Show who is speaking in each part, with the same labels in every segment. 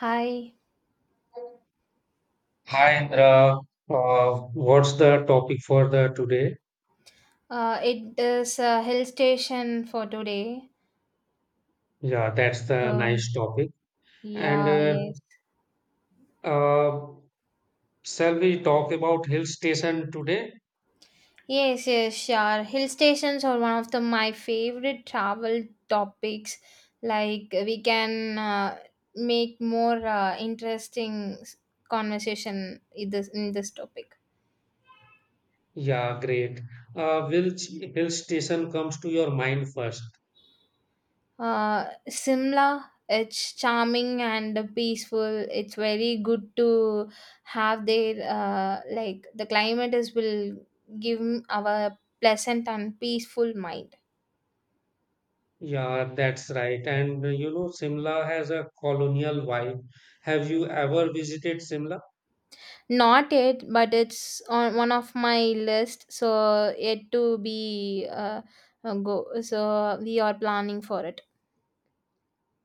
Speaker 1: Hi.
Speaker 2: Hi, Indra. What's the topic for the today?
Speaker 1: It is a hill station for today.
Speaker 2: Yeah, that's the
Speaker 1: So
Speaker 2: nice topic. And
Speaker 1: yeah, yes,
Speaker 2: uh, Shall we talk about hill station today?
Speaker 1: yes, yes, sure. Hill stations are one of the my favorite travel topics. Like we can make more interesting conversation in this topic.
Speaker 2: Yeah, great. Which hill station comes to your mind first?
Speaker 1: Simla, it's charming and peaceful. It's very good to have there. Like the climate is will give our pleasant and peaceful mind.
Speaker 2: Yeah, that's right. And You know, Simla has a colonial vibe. Have you ever visited Simla?
Speaker 1: Not yet, but it's on one of my list. So yet to be go. So we are planning for it.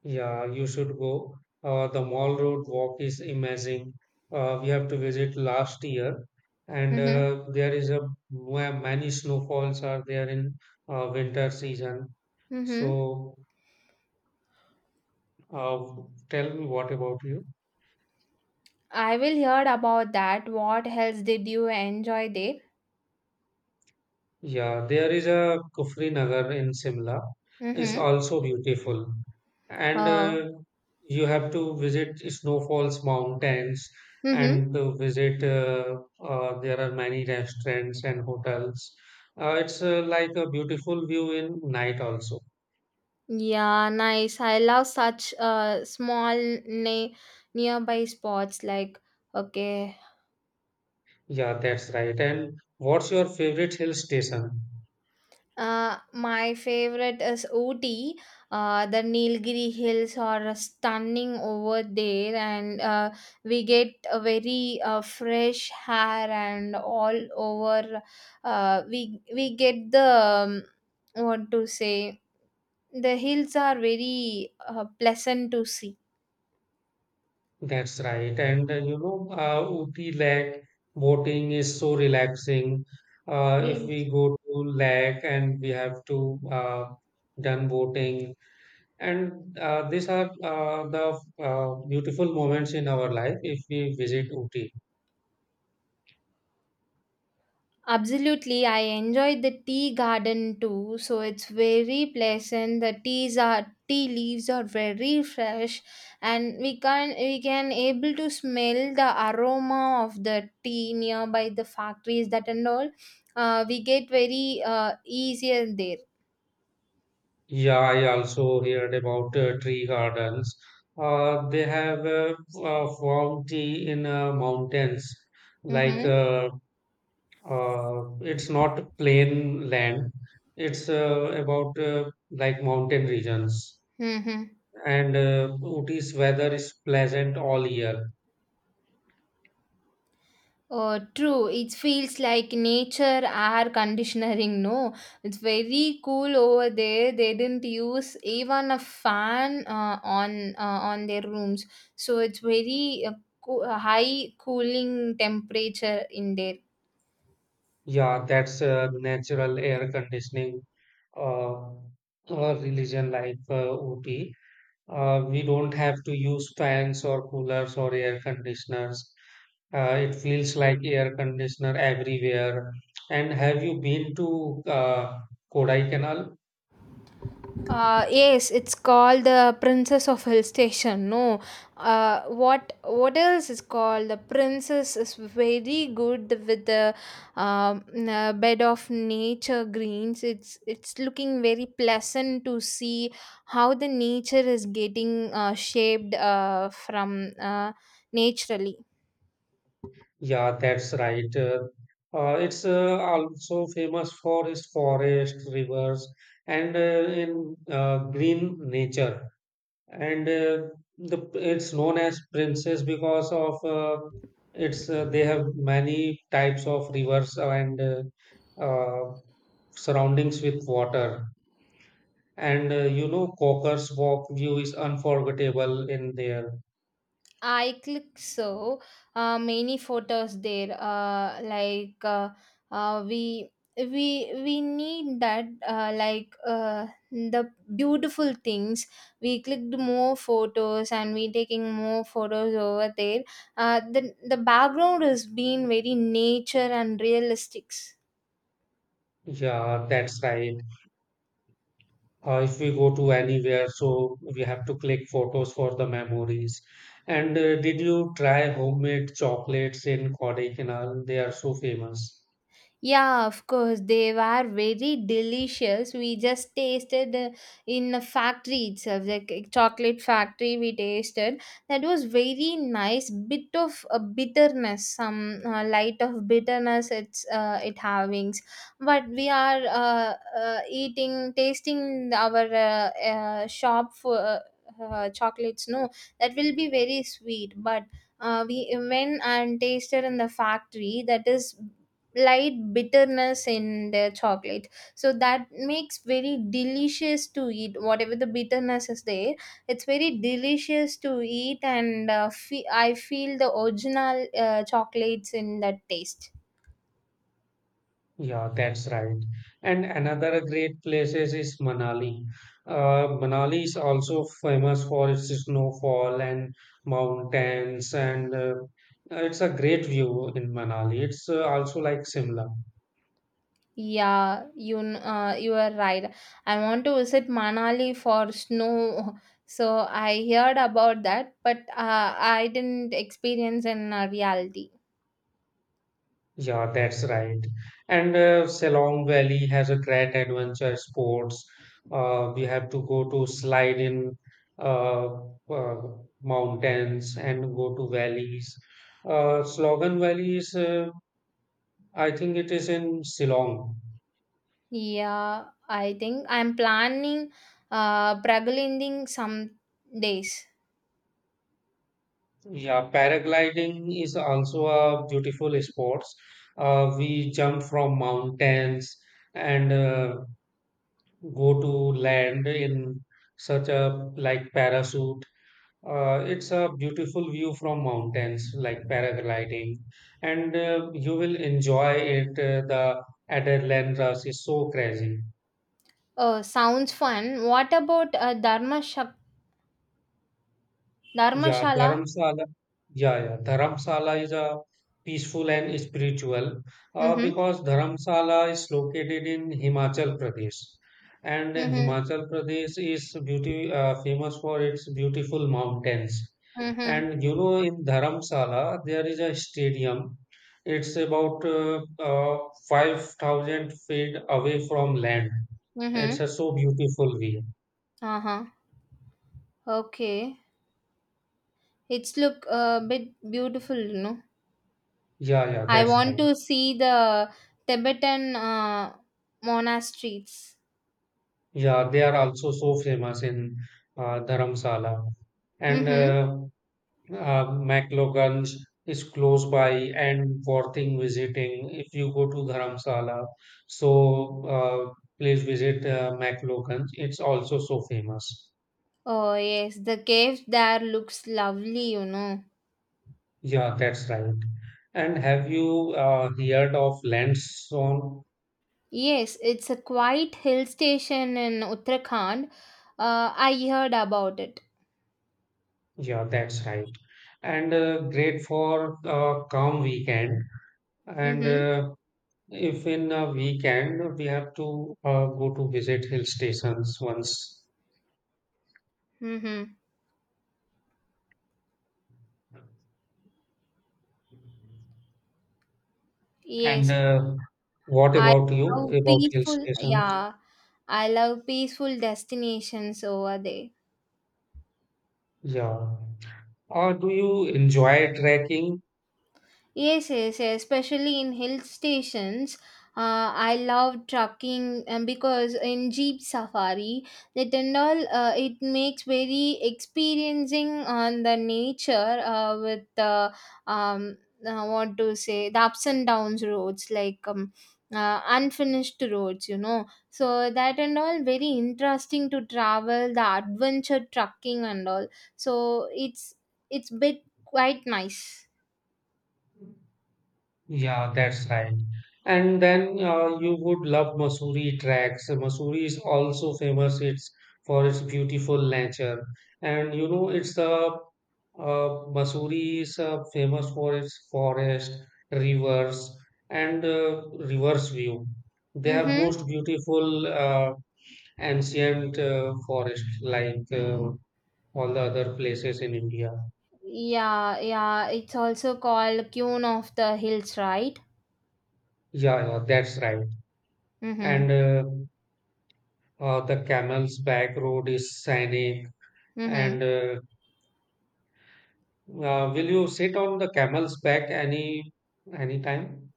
Speaker 2: Yeah, you should go. The Mall Road Walk is amazing. We have to visit last year, and
Speaker 1: Mm-hmm.
Speaker 2: there is a where many snowfalls are there in winter season.
Speaker 1: Mm-hmm.
Speaker 2: So, uh, Tell me what about you?
Speaker 1: I will heard about that. What else did you enjoy there?
Speaker 2: Yeah, there is a Kufri Nagar in Simla. It's
Speaker 1: Mm-hmm.
Speaker 2: also beautiful. And
Speaker 1: Oh.
Speaker 2: You have to visit snowfalls, mountains,
Speaker 1: Mm-hmm.
Speaker 2: and to visit, there are many restaurants and hotels. It's like a beautiful view in night also.
Speaker 1: Yeah, nice. I love such small nearby spots like okay.
Speaker 2: Yeah, that's right. And what's your favorite hill station?
Speaker 1: My favorite is Ooty. The Nilgiri Hills are stunning over there, and we get a very fresh hair and all over we get the what to say the hills are very pleasant to see.
Speaker 2: That's right. Uti Lake boating is so relaxing. If we go to Lake and we have to done boating, and these are the beautiful moments in our life if we visit Uti.
Speaker 1: Absolutely, I enjoyed the tea garden too. So it's very pleasant. The teas are tea leaves are very fresh, and we can able to smell the aroma of the tea nearby the factories that and all. We get very easier there.
Speaker 2: Yeah, I also heard about tree gardens. They have formed tea in mountains like
Speaker 1: Mm-hmm.
Speaker 2: uh, It's not plain land. It's about like mountain regions.
Speaker 1: Mm-hmm.
Speaker 2: And Ooty's weather is pleasant all year.
Speaker 1: True. It feels like nature air conditioning. No, it's very cool over there. They didn't use even a fan on on their rooms, so it's very high cooling temperature in there.
Speaker 2: Yeah, that's natural air conditioning uh, religion like Ooty. We don't have to use fans or coolers or air conditioners. It feels like air conditioner everywhere. And have you been to Kodaikanal?
Speaker 1: Yes, it's called the Princess of Hill Station. No, what else is called? The Princess is very good with the bed of nature greens. It's looking very pleasant to see how the nature is getting shaped from naturally.
Speaker 2: Yeah, that's right. It's also famous for its forests, rivers, and in green nature. And the it's known as Princess because of it's they have many types of rivers and uh, surroundings with water. And You know, Cocker's Walk view is unforgettable in there.
Speaker 1: I click so many photos there. Like uh, we we need that like the beautiful things. We clicked more photos and we taking more photos over there. The background has been very nature and realistics.
Speaker 2: Yeah, that's right. If we go to anywhere, so we have to click photos for the memories. And Did you try homemade chocolates in Kodaikanal? They are so famous.
Speaker 1: Yeah, of course, they were very delicious. We just tasted in a factory itself, like a chocolate factory. We tasted that was very nice. Bit of a bitterness, some light of bitterness. It's it havings, but we are eating, tasting our shop for. Chocolates, no, that will be very sweet, but we went and tasted in the factory that is light bitterness in their chocolate, so that makes very delicious to eat whatever the bitterness is there. It's very delicious to eat, and I feel the original chocolates in that taste.
Speaker 2: Yeah, that's right. And another great places is Manali. Manali is also famous for its snowfall and mountains, and it's a great view in Manali. It's also like Simla.
Speaker 1: Yeah, you are right. I want to visit manali for snow, so I heard about that, but I didn't experience in reality.
Speaker 2: Yeah, that's right. And Selong Valley has a great adventure sports. We have to go to slide in uh, uh, mountains and go to valleys. Slogan Valley is, I think it is in Shillong.
Speaker 1: Yeah, I think I'm planning Pragalinding some days.
Speaker 2: Yeah, paragliding is also a beautiful sports. We jump from mountains and go to land in such a like parachute. It's a beautiful view from mountains, like paragliding, and you will enjoy it. The adrenaline rush is so crazy.
Speaker 1: Oh, sounds fun. What about
Speaker 2: Yeah,
Speaker 1: Dharmashala?
Speaker 2: Dharamsala. Yeah, yeah. Dharamsala is a peaceful and spiritual
Speaker 1: Mm-hmm.
Speaker 2: because Dharamsala is located in Himachal Pradesh, and
Speaker 1: Mm-hmm.
Speaker 2: Himachal Pradesh is beauty famous for its beautiful mountains.
Speaker 1: Mm-hmm.
Speaker 2: And you know, in Dharamsala there is a stadium. It's about 5,000 feet away from land. It's
Speaker 1: Mm-hmm.
Speaker 2: a so beautiful view.
Speaker 1: Uh-huh. Okay. It's look a bit beautiful.
Speaker 2: Yeah, yeah.
Speaker 1: I
Speaker 2: That's
Speaker 1: want
Speaker 2: right.
Speaker 1: to see the Tibetan monasteries.
Speaker 2: Yeah, they are also so famous in Dharamsala. And
Speaker 1: Mm-hmm.
Speaker 2: uh, uh, McLogan's is close by and worthing visiting if you go to Dharamsala. So please visit McLogan's. It's also so famous.
Speaker 1: Oh, yes, the caves there looks lovely.
Speaker 2: Yeah, that's right. And have you heard of Landstone?
Speaker 1: Yes, it's a quiet hill station in Uttarakhand. I heard about it.
Speaker 2: Yeah, that's right. And great for calm weekend. And
Speaker 1: Mm-hmm.
Speaker 2: If in a weekend we have to go to visit hill stations once.
Speaker 1: Mm-hmm.
Speaker 2: And
Speaker 1: Yes,
Speaker 2: What
Speaker 1: I
Speaker 2: about you
Speaker 1: love
Speaker 2: about hill
Speaker 1: peaceful.
Speaker 2: stations?
Speaker 1: Yeah, I love peaceful destinations over there.
Speaker 2: Yeah. Or do you enjoy trekking?
Speaker 1: Yes, yes, yes, especially in hill stations. I love trucking because in Jeep Safari, the Tendal, it makes very experiencing on the nature with the, um, what to say, the ups and downs roads, like unfinished roads. So that and all very interesting to travel, the adventure trucking and all. So it's bit quite nice.
Speaker 2: Yeah, that's right. And then you would love Mussoorie tracks. Mussoorie is also famous it's for its beautiful nature. And you know, it's the Mussoorie is famous for its forest, rivers, and reverse view. They have
Speaker 1: Mm-hmm.
Speaker 2: most beautiful ancient forest like all the other places in India.
Speaker 1: Yeah, yeah, it's also called Queen of the Hills, right?
Speaker 2: Yeah, yeah, that's right.
Speaker 1: Mm-hmm.
Speaker 2: And the camel's back road is scenic,
Speaker 1: Mm-hmm.
Speaker 2: and will you sit on the camel's back any time?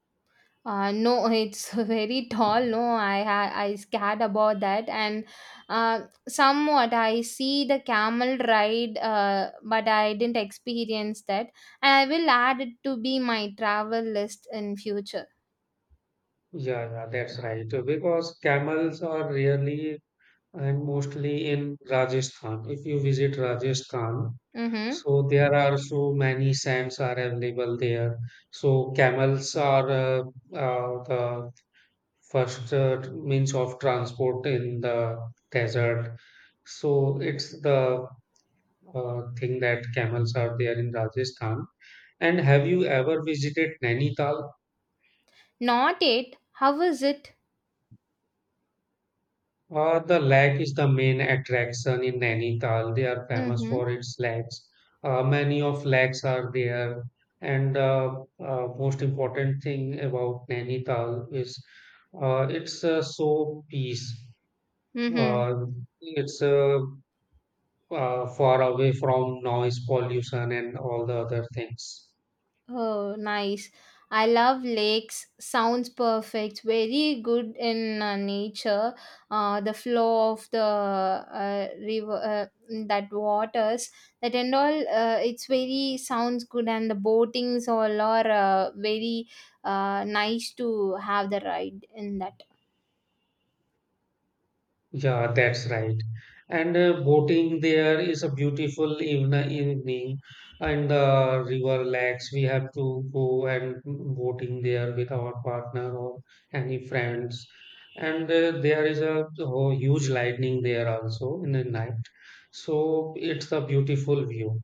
Speaker 1: No, it's very tall. No, I scared about that, and somewhat I see the camel ride, but I didn't experience that, and I will add it to be my travel list in future.
Speaker 2: Yeah, yeah, that's right. Because camels are rarely and mostly in Rajasthan. If you visit Rajasthan,
Speaker 1: Mm-hmm.
Speaker 2: so there are so many sands are available there. So camels are the first means of transport in the desert. So it's the thing that camels are there in Rajasthan. And have you ever visited Nainital?
Speaker 1: Not it. How is it?
Speaker 2: The lake is the main attraction in Nainital. They are famous
Speaker 1: Mm-hmm.
Speaker 2: for its lakes. Many of lakes are there. And most important thing about Nainital is it's so peace.
Speaker 1: Mm-hmm.
Speaker 2: Uh, it's far away from noise pollution and all the other things.
Speaker 1: Oh, nice. I love lakes. Sounds perfect. Very good in nature. The flow of the river, that waters, that and all, it's very sounds good, and the boatings all are very nice to have the ride in that.
Speaker 2: Yeah, that's right. And Boating there is a beautiful even evening, and the river lakes. We have to go and boating there with our partner or any friends. And There is a oh, huge lightning there also in the night. So it's a beautiful view.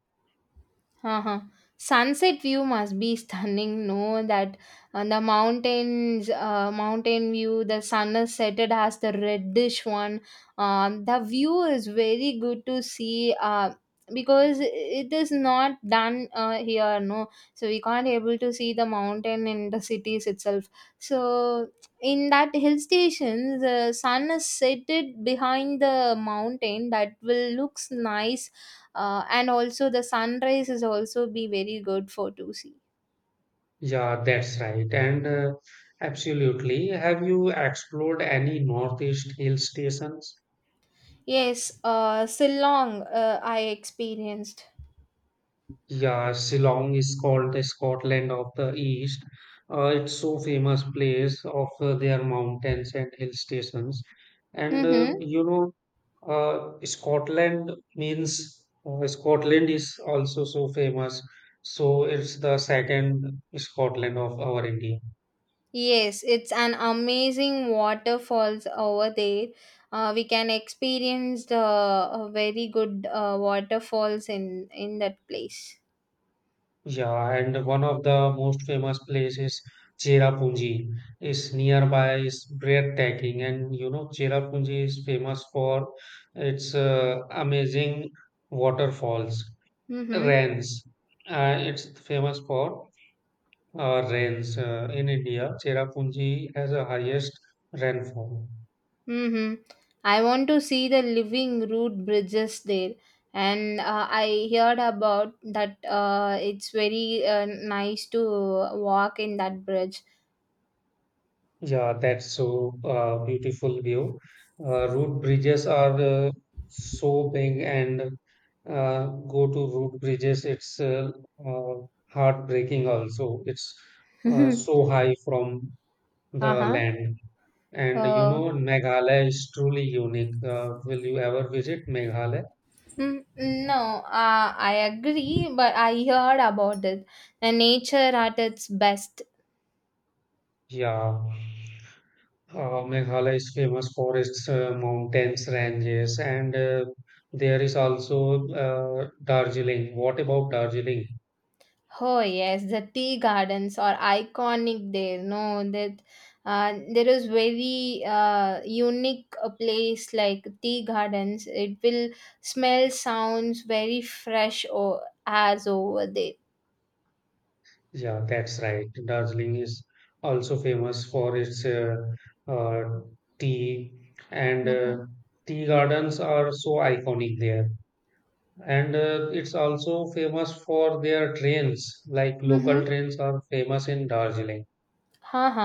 Speaker 1: Uh-huh. Sunset view must be stunning. No, that on the mountains, mountain view, the sun is set. It has the reddish one. The view is very good to see. Because it is not done here. No, so we can't able to see the mountain in the cities itself. So in that hill station, the sun is set it behind the mountain. That will looks nice, and also the sunrise is also be very good for to see.
Speaker 2: Yeah, that's right. And Absolutely. Have you explored any Northeast hill stations?
Speaker 1: Yes, Shillong, I experienced.
Speaker 2: Yeah, Shillong is called the Scotland of the East. It's so famous place of their mountains and hill stations. And uh,
Speaker 1: Mm-hmm.
Speaker 2: you know, uh, Scotland means Scotland is also so famous. So it's the second Scotland of our India.
Speaker 1: Yes, it's an amazing waterfalls over there. We can experience the very good waterfalls in that place.
Speaker 2: Yeah, and one of the most famous places, Cherrapunji, is nearby, is breathtaking. And you know, Cherrapunji is famous for its amazing waterfalls,
Speaker 1: Mm-hmm.
Speaker 2: rains. It's famous for rains in India. Cherrapunji has the highest rainfall.
Speaker 1: Mm-hmm. I want to see the living root bridges there, and I heard about that. It's very nice to walk in that bridge.
Speaker 2: Yeah, that's so beautiful view. Road bridges are so big, and go to road bridges. It's uh, heartbreaking. Also, it's so high from the
Speaker 1: Uh-huh.
Speaker 2: land. And you
Speaker 1: Uh,
Speaker 2: know, Meghalaya is truly unique. Will you ever visit Meghalaya?
Speaker 1: no, I agree, but I heard about it. The nature at its best.
Speaker 2: Yeah. Meghalaya is famous for its mountains, ranges, and there is also Darjeeling. What about Darjeeling?
Speaker 1: Oh, yes, the tea gardens are iconic there. No, that there is very unique place like tea gardens. It will smell sounds very fresh or as over there.
Speaker 2: Yeah, that's right. Darjeeling is also famous for its uh, tea, and
Speaker 1: Mm-hmm.
Speaker 2: tea gardens are so iconic there. And It's also famous for their trains, like local
Speaker 1: Mm-hmm.
Speaker 2: trains are famous in Darjeeling.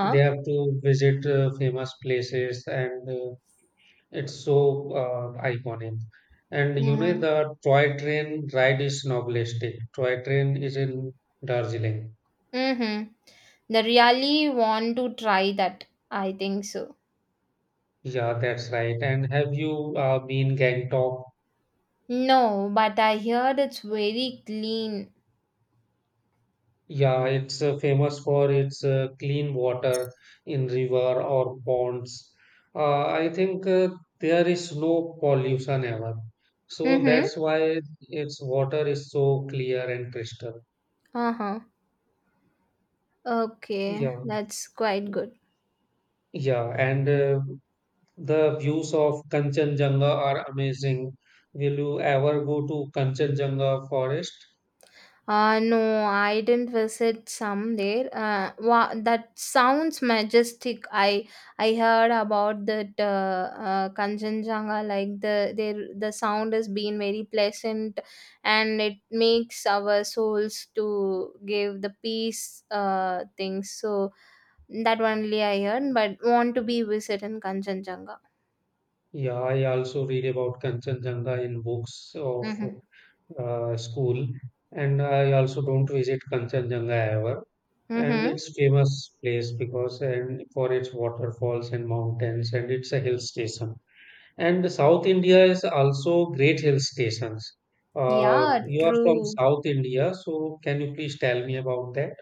Speaker 2: They have to visit famous places and it's so iconic. And you know,
Speaker 1: Mm-hmm.
Speaker 2: the toy train ride is novelistic. Toy train is in Darjeeling.
Speaker 1: Mm-hmm. They really want to try that. I think so.
Speaker 2: Yeah, that's right. And have you been Gangtok?
Speaker 1: No, but I heard it's very clean.
Speaker 2: Yeah, it's famous for its clean water in river or ponds. I think there is no pollution ever. So
Speaker 1: Mm-hmm.
Speaker 2: that's why its water is so clear and crystal.
Speaker 1: Uh-huh. Okay,
Speaker 2: Yeah.
Speaker 1: that's quite good.
Speaker 2: Yeah, and the views of Kanchenjunga are amazing. Will you ever go to Kanchenjunga forest?
Speaker 1: No, I didn't visit some there. That sounds majestic. I heard about that Kanchenjunga. Like the sound has been very pleasant, and it makes our souls to give the peace things. So that only I heard, but want to be visit in Kanchenjunga.
Speaker 2: Yeah, I also read about Kanchenjunga in books of
Speaker 1: Mm-hmm.
Speaker 2: school, and I also don't visit Kanchenjunga ever. And
Speaker 1: Mm-hmm.
Speaker 2: it's famous place because and for its waterfalls and mountains, and it's a hill station. And South India is also great hill stations.
Speaker 1: Yeah,
Speaker 2: You are from
Speaker 1: true.
Speaker 2: South India, so can you please tell me about that?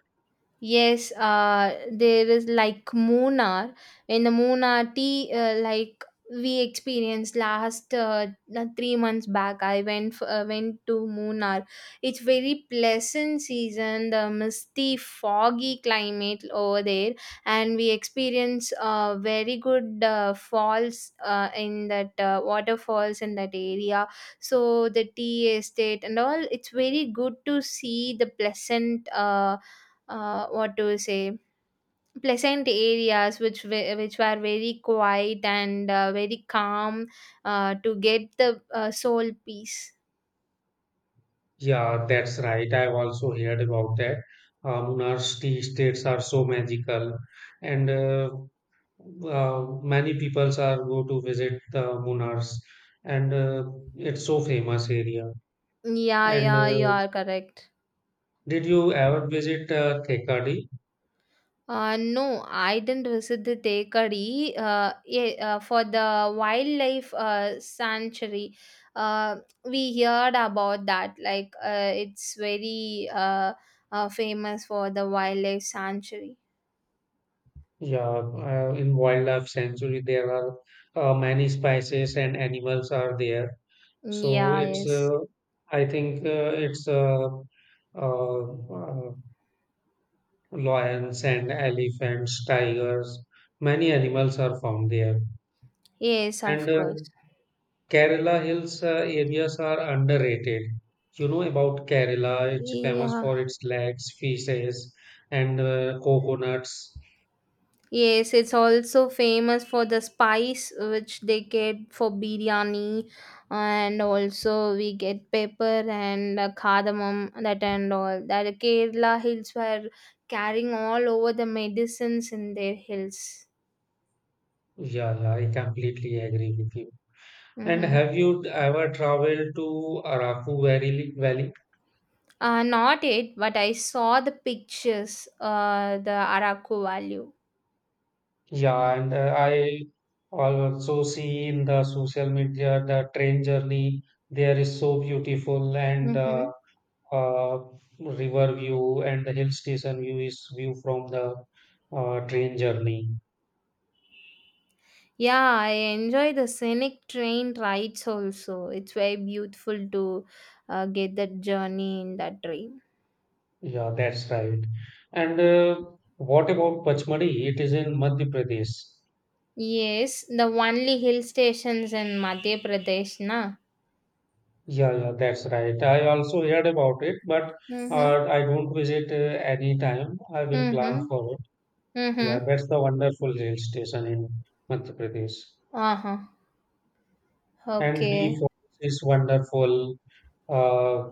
Speaker 1: Yes, there is like Mona. In the Mona tea, like we experienced last the 3 months back, I went to Munar. It's very pleasant season, the misty, foggy climate over there, and we experience very good falls in that waterfalls in that area. So the tea estate and all, it's very good to see the pleasant. What to say pleasant areas which were very quiet and very calm to get the soul peace.
Speaker 2: Yeah, that's right. I've also heard about that. Munar's tea estates are so magical, and many peoples are go to visit the Munar's, and it's so famous area.
Speaker 1: Yeah,
Speaker 2: And
Speaker 1: yeah, you are correct.
Speaker 2: Did you ever visit Thekadi?
Speaker 1: No, I didn't visit the Tekadi, yeah, for the wildlife sanctuary. Uh, we heard about that, like it's very famous for the wildlife sanctuary.
Speaker 2: Yeah, in wildlife sanctuary there are many species and animals are there. So
Speaker 1: Yeah,
Speaker 2: it's
Speaker 1: yes,
Speaker 2: I think it's uh, uh, lions and elephants, tigers, many animals are found there.
Speaker 1: yes,
Speaker 2: And
Speaker 1: of course.
Speaker 2: Kerala hills areas are underrated. You know about Kerala, it's famous
Speaker 1: Yeah.
Speaker 2: for its lakes, fishes, and coconuts.
Speaker 1: Yes, it's also famous for the spice which they get for biryani, and also we get pepper and cardamom that and all. That Kerala hills were carrying all over the medicines in their hills.
Speaker 2: Yeah, yeah, I completely agree with you. And
Speaker 1: Mm-hmm.
Speaker 2: have you ever traveled to Araku Valley? Valley?
Speaker 1: Not it, but I saw the pictures. The Araku value.
Speaker 2: Yeah, and I also see in the social media the train journey there is so beautiful and
Speaker 1: Mm-hmm.
Speaker 2: uh, river view and the hill station view is view from the train journey.
Speaker 1: Yeah, I enjoy the scenic train rides also. It's very beautiful to get that journey in that train.
Speaker 2: Yeah, that's right. And What about Pachmadi? It is in Madhya Pradesh.
Speaker 1: Yes, the only hill stations in Madhya Pradesh, na?
Speaker 2: Yeah, yeah, that's right. I also heard about it, but
Speaker 1: Mm-hmm.
Speaker 2: I don't visit any time. I will plan
Speaker 1: Mm-hmm.
Speaker 2: for it. Yeah,
Speaker 1: Mm-hmm.
Speaker 2: that's the wonderful hill station in Madhya Pradesh.
Speaker 1: Uh-huh.
Speaker 2: And B
Speaker 1: Okay.
Speaker 2: Falls is wonderful. Uh,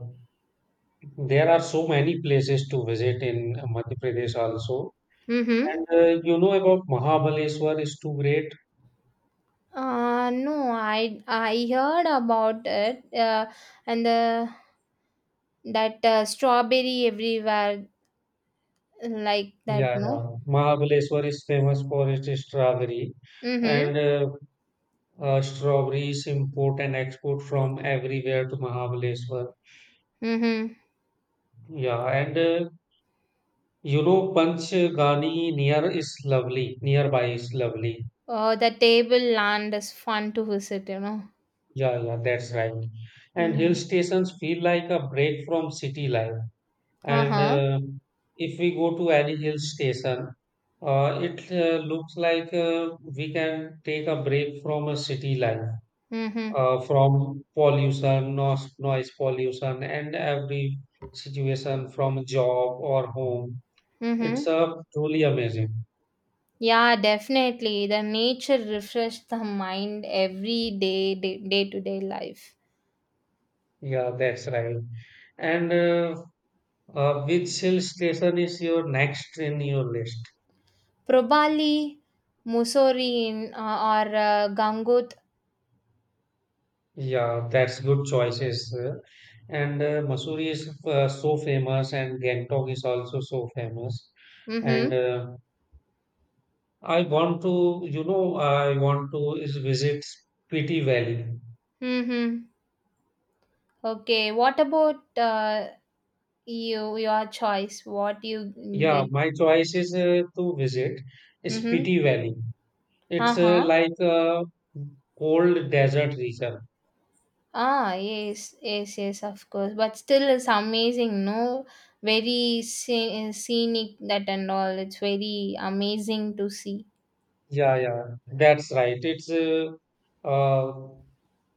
Speaker 2: There are so many places to visit in Madhya Pradesh also.
Speaker 1: Mm-hmm.
Speaker 2: And You know about Mahabaleshwar is too great.
Speaker 1: No, I heard about it. And the that strawberry everywhere like that,
Speaker 2: Yeah,
Speaker 1: no?
Speaker 2: yeah. Mahabaleshwar is famous for its strawberry
Speaker 1: Mm-hmm.
Speaker 2: and strawberries import and export from everywhere to Mahabaleshwar.
Speaker 1: Mm-hmm.
Speaker 2: Yeah, and you know Panchgani near is lovely. Nearby is lovely.
Speaker 1: Oh, the table land is fun to visit.
Speaker 2: Yeah, yeah, that's right. And hill
Speaker 1: Mm-hmm.
Speaker 2: stations feel like a break from city life. And
Speaker 1: Uh-huh.
Speaker 2: If we go to any hill station, it looks like we can take a break from a city life,
Speaker 1: Mm-hmm.
Speaker 2: from pollution, noise, noise pollution, and every situation from job or home. It's
Speaker 1: Mm-hmm.
Speaker 2: uh, truly amazing.
Speaker 1: Yeah, definitely. The nature refreshes the mind every day-to-day life.
Speaker 2: Yeah, that's right. And which hill station is your next in your list?
Speaker 1: Probably Mussoorie in, or Gangut.
Speaker 2: Yeah, that's good choices. And Mussoorie is so famous, and Gangtok is also so famous.
Speaker 1: Mm-hmm.
Speaker 2: And I want to, you know, I want to is visit Spiti Valley.
Speaker 1: Mm-hmm. Okay. What about you? Your choice. What you
Speaker 2: Yeah,
Speaker 1: get?
Speaker 2: my choice is to visit
Speaker 1: Mm-hmm.
Speaker 2: Spiti Valley. It's
Speaker 1: Uh-huh.
Speaker 2: like a cold desert region.
Speaker 1: Ah, yes, yes, yes, of course. But still, it's amazing, no? Very scenic, that and all. It's very amazing to see.
Speaker 2: Yeah, yeah, that's right. It's uh,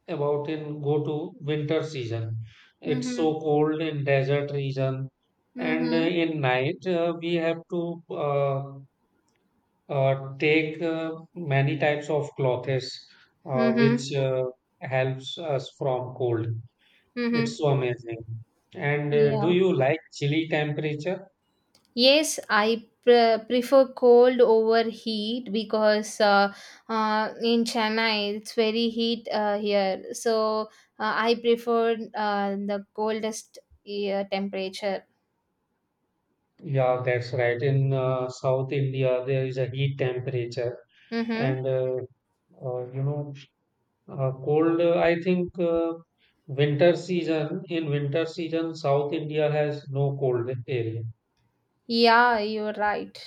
Speaker 2: about in go to winter season. It's
Speaker 1: Mm-hmm.
Speaker 2: so cold in desert region, and
Speaker 1: Mm-hmm.
Speaker 2: in night we have to take many types of clothes, uh,
Speaker 1: Mm-hmm.
Speaker 2: which uh, helps us from cold.
Speaker 1: Mm-hmm.
Speaker 2: It's so amazing. And Do
Speaker 1: Yeah.
Speaker 2: you like chilly temperature?
Speaker 1: Yes, prefer cold over heat because in Chennai it's very heat here. So I prefer the coldest temperature.
Speaker 2: Yeah, that's right. In South India, there is a heat temperature,
Speaker 1: Mm-hmm.
Speaker 2: and you know cold, I think winter season, in winter season, South India has no cold area.
Speaker 1: Yeah, you're right.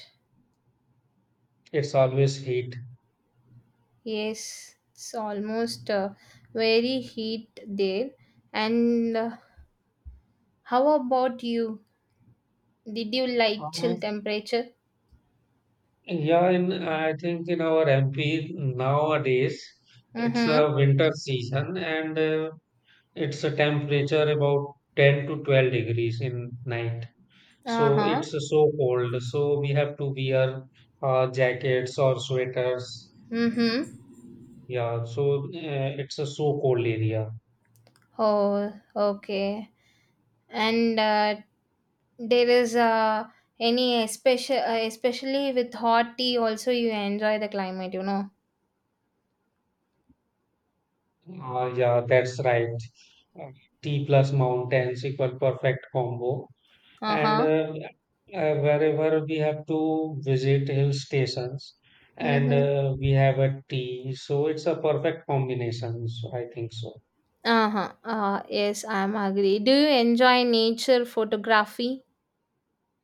Speaker 2: It's always heat.
Speaker 1: Yes, it's almost very heat there. And how about you? Did you like chill
Speaker 2: Uh,
Speaker 1: temperature?
Speaker 2: yeah, in I think in our MP nowadays, it's
Speaker 1: Mm-hmm.
Speaker 2: a winter season and it's a temperature about 10 to 12 degrees in night. So
Speaker 1: Uh-huh.
Speaker 2: it's so cold. So we have to wear jackets or sweaters.
Speaker 1: Mm-hmm.
Speaker 2: Yeah, so it's a so cold area.
Speaker 1: Oh, okay. And there is any especially with hot tea also you enjoy the climate.
Speaker 2: Yeah, that's right. Uh, T plus mountains equal perfect combo. And
Speaker 1: Uh-huh.
Speaker 2: uh, uh, wherever we have to visit hill stations and
Speaker 1: Mm-hmm.
Speaker 2: we have a tea, so it's a perfect combination. So I think so.
Speaker 1: Uh-huh. Yes, I'm agree. Do you enjoy nature photography?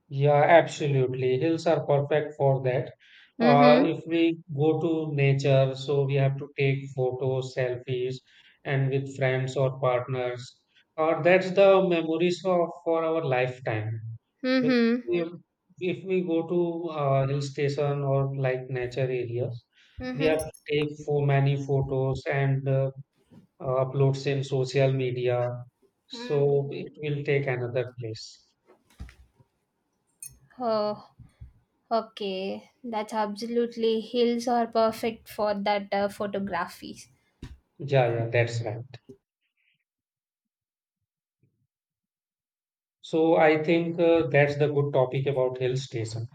Speaker 2: Yeah, absolutely. Hills are perfect for that.
Speaker 1: Mm-hmm.
Speaker 2: If we go to nature, so we have to take photos, selfies, and with friends or partners. Or that's the memories of for our lifetime. Because
Speaker 1: Mm-hmm.
Speaker 2: if, if we go to hill station or like nature areas, we
Speaker 1: Mm-hmm.
Speaker 2: have to take so many photos and uploads in social media.
Speaker 1: Mm.
Speaker 2: So it will take another place.
Speaker 1: Oh, okay. That's absolutely. Hills are perfect for that photography.
Speaker 2: Yeah, yeah, that's right. So I think that's the good topic about hill station.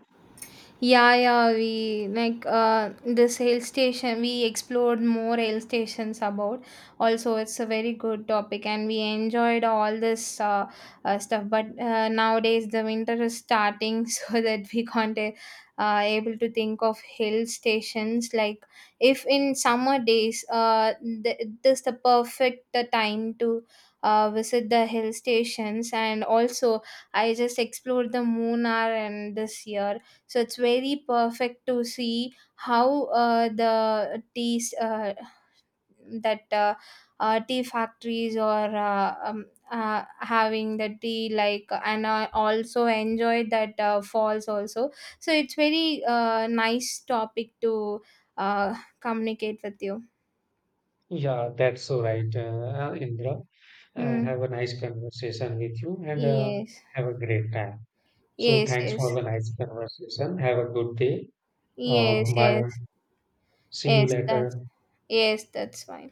Speaker 1: Yeah, yeah, we like this hill station. We explored more hill stations about. Also, it's a very good topic, and we enjoyed all this stuff. But nowadays, the winter is starting, so that we can't able to think of hill stations. Like if in summer days, this the perfect time to visit the hill stations, and also I just explored the Moonar and this year, so it's very perfect to see how the that tea factories or having the tea, like, and I also enjoyed that falls also, so it's very nice topic to uh, communicate with you.
Speaker 2: Yeah, that's all right, Indra.
Speaker 1: Hmm.
Speaker 2: Have a nice conversation with you and
Speaker 1: Yes.
Speaker 2: have a great time. So
Speaker 1: Yes,
Speaker 2: thanks for the nice conversation. Have a good day.
Speaker 1: yes, yes.
Speaker 2: Bye.
Speaker 1: Yes,
Speaker 2: See you
Speaker 1: yes, that's,
Speaker 2: later.
Speaker 1: yes, that's fine.